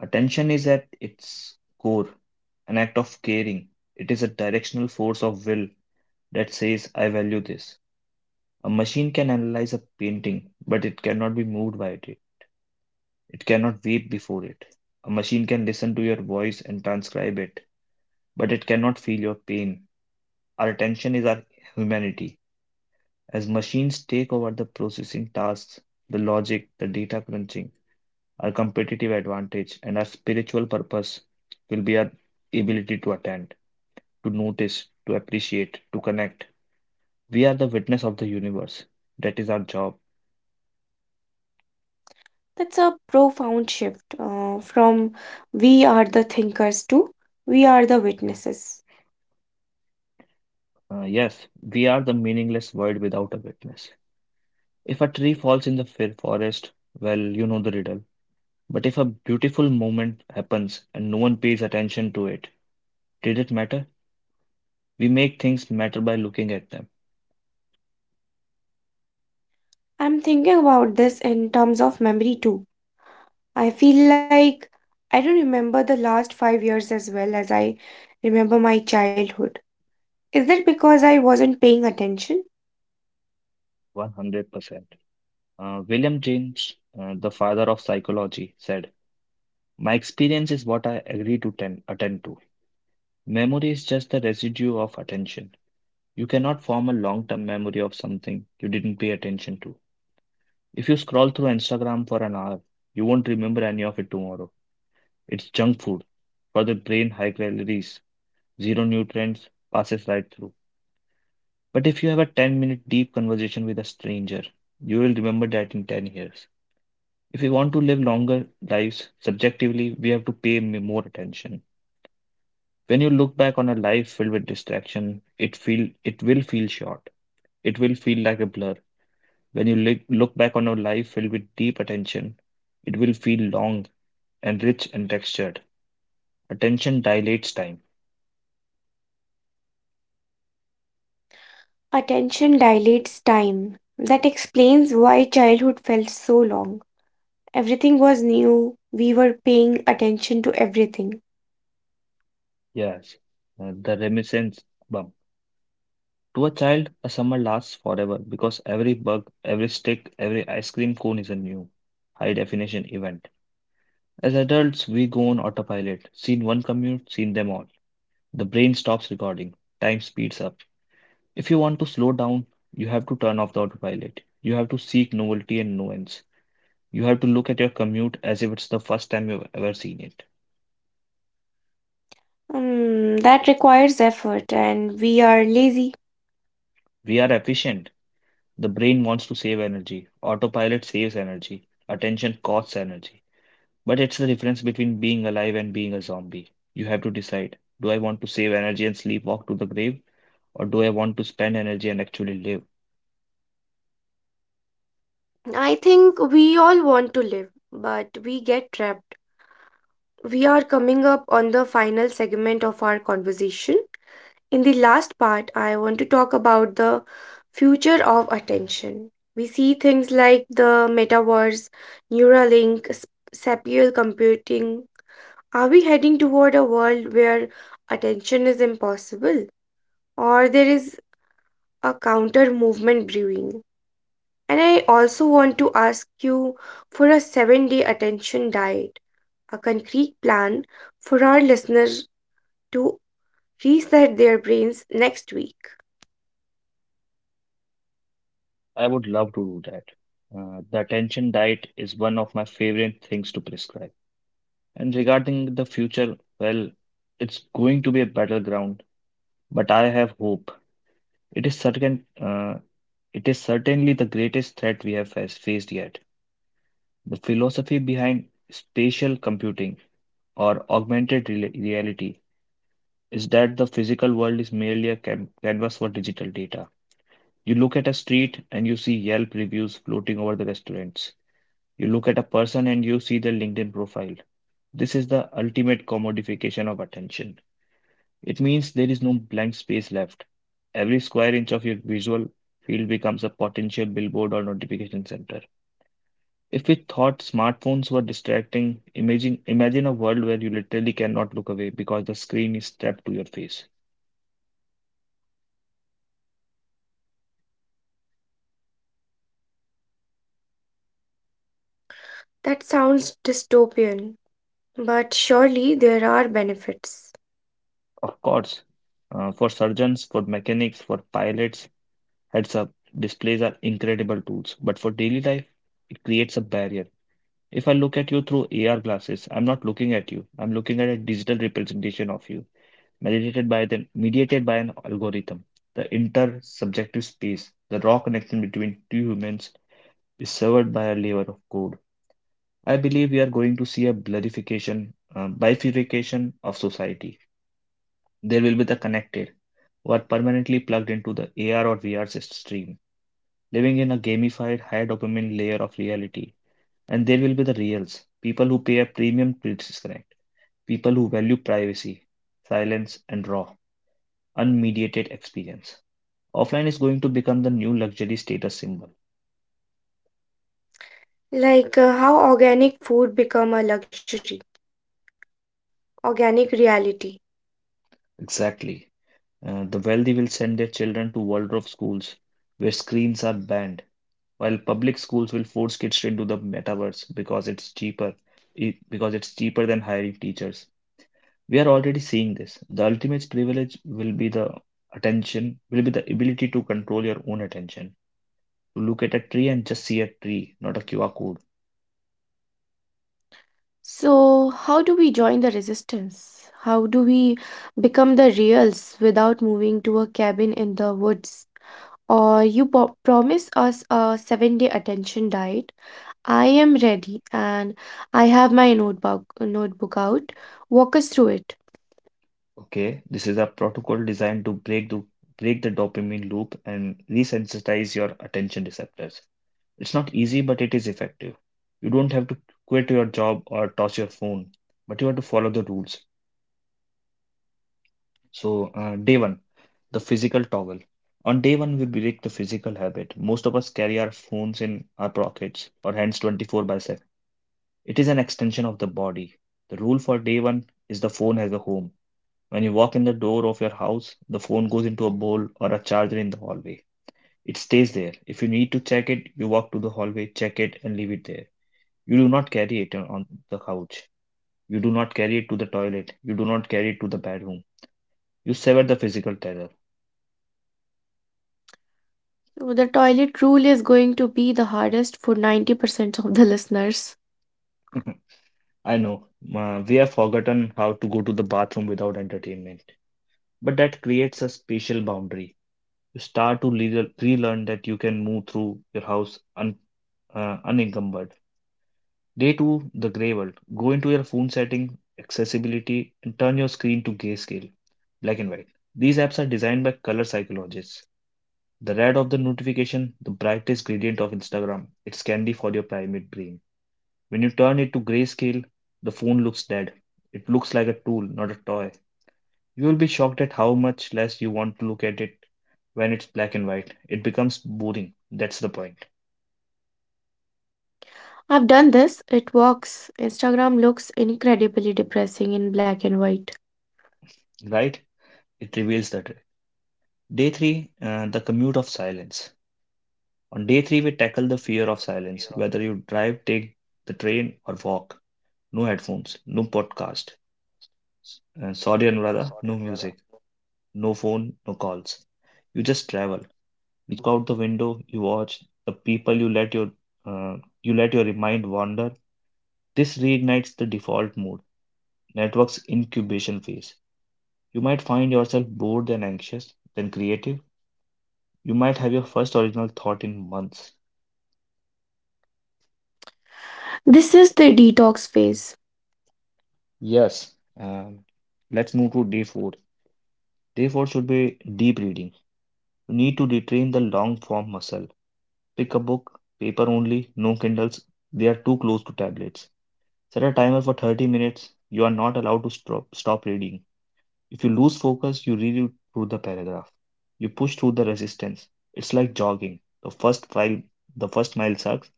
[SPEAKER 2] Attention is at its core an act of caring. It is a directional force of will that says, I value this. A machine can analyze a painting, but it cannot be moved by it. It cannot weep before it. A machine can listen to your voice and transcribe it, but it cannot feel your pain. Our attention is our humanity. As machines take over the processing tasks, the logic, the data crunching, our competitive advantage, and our spiritual purpose will be our ability to attend, to notice, to appreciate, to connect. We are the witness of the universe. That is our job.
[SPEAKER 1] That's a profound shift from we are the thinkers to we are the witnesses.
[SPEAKER 2] Yes, we are the meaningless world without a witness. If a tree falls in the forest, well, you know the riddle. But if a beautiful moment happens and no one pays attention to it, did it matter? We make things matter by looking at them.
[SPEAKER 1] I'm thinking about this in terms of memory too. I feel like I don't remember the last 5 years as well as I remember my childhood. Is that because I wasn't paying attention?
[SPEAKER 2] 100%. William James, the father of psychology, said, my experience is what I agree to attend to. Memory is just the residue of attention. You cannot form a long term memory of something you didn't pay attention to. If you scroll through Instagram for an hour, you won't remember any of it tomorrow. It's junk food for the brain, high calories, zero nutrients, passes right through. But if you have a 10-minute deep conversation with a stranger, you will remember that in 10 years. If we want to live longer lives, subjectively, we have to pay more attention. When you look back on a life filled with distraction, it will feel short. It will feel like a blur. When you look back on a life filled with deep attention, it will feel long and rich in texture. Attention dilates time.
[SPEAKER 1] Attention dilates time. That explains why childhood felt so long. Everything was new. We were paying attention to everything.
[SPEAKER 2] Yes, the reminiscence bump. To a child, a summer lasts forever because every bug, every stick, every ice cream cone is a new high definition event. As adults, we go on autopilot. Seen one commute, seen them all. The brain stops recording. Time speeds up. If you want to slow down, you have to turn off the autopilot. You have to seek novelty and nuance. You have to look at your commute as if it's the first time you've ever seen it.
[SPEAKER 1] Hmm, that requires effort, and we are lazy.
[SPEAKER 2] We are efficient. The brain wants to save energy. Autopilot saves energy. Attention costs energy. But it's the difference between being alive and being a zombie. You have to decide, do I want to save energy and sleepwalk to the grave, or do I want to spend energy and actually live?
[SPEAKER 1] I think we all want to live, but we get trapped. We are coming up on the final segment of our conversation. In the last part, I want to talk about the future of attention. We see things like the metaverse, Neuralink, spatial computing. Are we heading toward a world where attention is impossible? Or there is a counter movement brewing? And I also want to ask you for a 7 day attention diet, a concrete plan for our listeners to reset their brains next week.
[SPEAKER 2] I would love to do that. The attention diet is one of my favorite things to prescribe. And regarding the future, well, it's going to be a battleground, but I have hope. It is it is certainly the greatest threat we have faced yet. The philosophy behind spatial computing or augmented reality is that the physical world is merely a canvas for digital data. You look at a street and you see Yelp reviews floating over the restaurants. You look at a person and you see their LinkedIn profile. This is the ultimate commodification of attention. It means there is no blank space left. Every square inch of your visual field becomes a potential billboard or notification center. If we thought smartphones were distracting, imagine a world where you literally cannot look away because the screen is strapped to your face.
[SPEAKER 1] That sounds dystopian, but surely there are benefits.
[SPEAKER 2] Of course, for surgeons, for mechanics, for pilots, heads up displays are incredible tools. But for daily life, it creates a barrier. If I look at you through AR glasses, I'm not looking at you. I'm looking at a digital representation of you, mediated by an algorithm. The intersubjective space, the raw connection between two humans, is severed by a layer of code. I believe we are going to see a bifurcation of society. There will be the connected, who are permanently plugged into the AR or VR stream, living in a gamified, high dopamine layer of reality. And there will be the reals, people who pay a premium to disconnect, people who value privacy, silence, and raw, unmediated experience. Offline is going to become the new luxury status symbol.
[SPEAKER 1] Like how organic food become a luxury, organic reality.
[SPEAKER 2] Exactly. The wealthy will send their children to world of schools where screens are banned, while public schools will force kids to do the metaverse because it's cheaper, because it's cheaper than hiring teachers. We are already seeing this. The ultimate privilege will be the ability to control your own attention, to look at a tree and just see a tree, not a QR code.
[SPEAKER 1] So, how do we join the resistance? How do we become the reals without moving to a cabin in the woods? Or you promise us a 7 day attention diet. I am ready and I have my notebook out. Walk us through it.
[SPEAKER 2] Okay, this is a protocol designed to break the dopamine loop and resensitize your attention receptors. It's not easy, but it is effective. You don't have to quit your job or toss your phone, but you have to follow the rules. So, day one, the physical toggle. On day one, we break the physical habit. Most of us carry our phones in our pockets or hands 24 by 7. It is an extension of the body. The rule for day one is the phone has a home. When you walk in the door of your house, the phone goes into a bowl or a charger in the hallway. It stays there. If you need to check it, you walk to the hallway, check it, and leave it there. You do not carry it on the couch. You do not carry it to the toilet. You do not carry it to the bedroom. You sever the physical tether.
[SPEAKER 1] So the toilet rule is going to be the hardest for 90% of the listeners.
[SPEAKER 2] I know, we have forgotten how to go to the bathroom without entertainment, but that creates a spatial boundary. You start to relearn that you can move through your house unencumbered. Day two, the gray world. Go into your phone setting, accessibility, and turn your screen to grayscale, black and white. These apps are designed by color psychologists. The red of the notification, the brightest gradient of Instagram. It's candy for your primate brain. When you turn it to grayscale, the phone looks dead. It looks like a tool, not a toy. You will be shocked at how much less you want to look at it when it's black and white. It becomes boring. That's the point,
[SPEAKER 1] I've done this. It works. Instagram looks incredibly depressing in black and white.
[SPEAKER 2] right? It reveals the truth. Day three, the commute of silence. On day three, we tackle the fear of silence. Whether you drive, take the train, or walk. No headphones, no podcast. Sorry, Anuradha, no music, no phone, no calls. You just travel. You look out the window, you watch the people, uh, you let your mind wander. This reignites the default mode, network's incubation phase. You might find yourself bored and anxious, then creative. You might have your first original thought in months.
[SPEAKER 1] This is the detox phase.
[SPEAKER 2] Yes. Let's move to day four. Day four should be deep reading. You need to retrain the long form muscle. Pick a book, paper only, no Kindles. They are too close to tablets. Set a timer for 30 minutes. You are not allowed to stop reading. If you lose focus, you read through the paragraph. You push through the resistance. It's like jogging. The first mile sucks.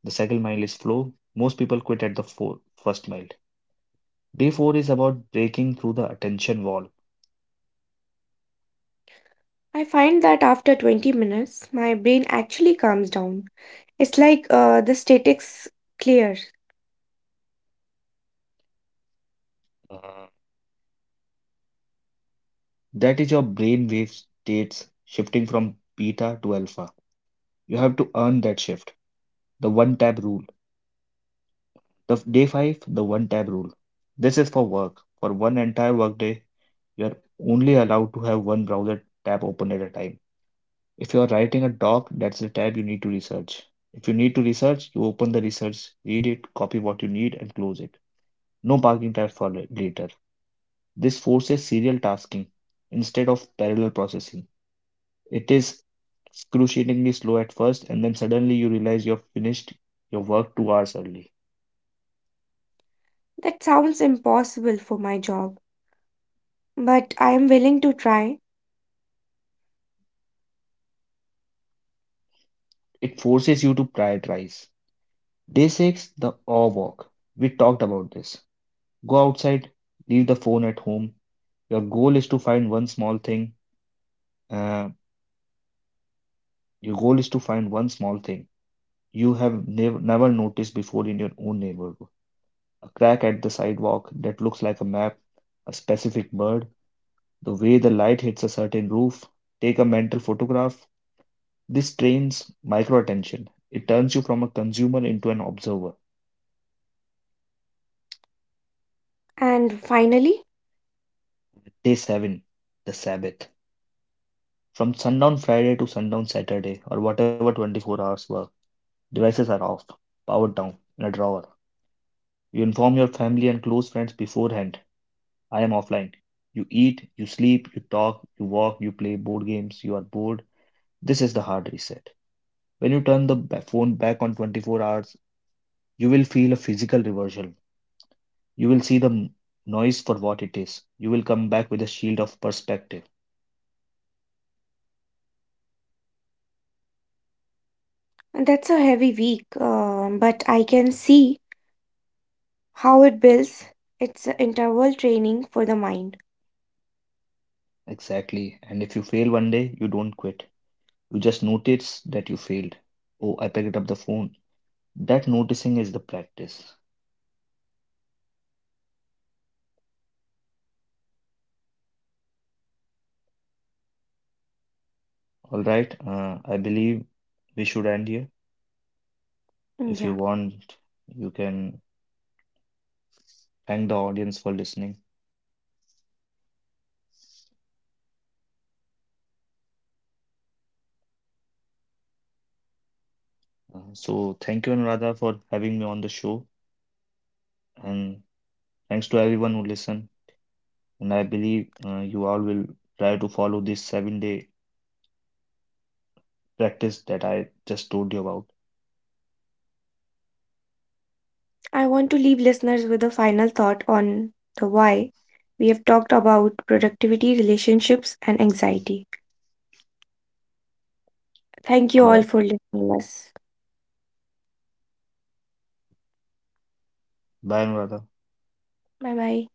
[SPEAKER 2] The second mile is flow. Most people quit at the first mile. Day four is about breaking through the attention wall.
[SPEAKER 1] I find that after 20 minutes, my brain actually calms down. It's like the statics clear.
[SPEAKER 2] Mhm. That is your brain wave states shifting from beta to alpha. You have to earn that shift. The one tab rule. The f- Day five, the one tab rule. This is for work. For one entire workday, you are only allowed to have one browser tab open at a time. If you are writing a doc, that's the tab you need to research. If you need to research, you open the research, read it, copy what you need, and close it. No parking tab for later. This forces serial tasking instead of parallel processing. It is excruciatingly slow at first, and then suddenly you realize you've finished your work 2 hours early.
[SPEAKER 1] That sounds impossible for my job, but I am willing to try.
[SPEAKER 2] It forces you to prioritize. Day 6, the awe walk. We talked about this. Go outside, leave the phone at home. Your goal is to find one small thing uh, Your goal is to find one small thing you have never noticed before in your own neighborhood. A crack at the sidewalk that looks like a map, a specific bird, the way the light hits a certain roof. Take a mental photograph. This trains micro attention. It turns you from a consumer into an observer.
[SPEAKER 1] And finally,
[SPEAKER 2] Day 7, the Sabbath. From sundown Friday to sundown Saturday, or whatever 24 hours work, devices are off, powered down, in a drawer. You inform your family and close friends beforehand: I am offline. You eat, you sleep, you talk, you walk, you play board games, you are bored. This is the hard reset. When you turn the phone back on 24 hours, you will feel a physical reversion. You will see the noise for what it is. You will come back with a shield of perspective.
[SPEAKER 1] that's a heavy week, but I can see how it builds. It's a interval training for the mind.
[SPEAKER 2] Exactly. And if you fail one day, you don't quit. You just notice that you failed. Oh, I picked up the phone. That noticing is the practice. All right. I believe we should end here.
[SPEAKER 1] Mm,
[SPEAKER 2] If you
[SPEAKER 1] yeah.
[SPEAKER 2] want, you can thank the audience for listening. So thank you, Anuradha, for having me on the show, and thanks to everyone who listened. And I believe you all will try to follow this 7-day practice that I just told you about.
[SPEAKER 1] I want to leave listeners with a final thought on the why. We have talked about productivity, relationships, and anxiety. Thank you
[SPEAKER 2] All
[SPEAKER 1] all
[SPEAKER 2] right,
[SPEAKER 1] for listening us.
[SPEAKER 2] bye, Anuradha.
[SPEAKER 1] Bye bye.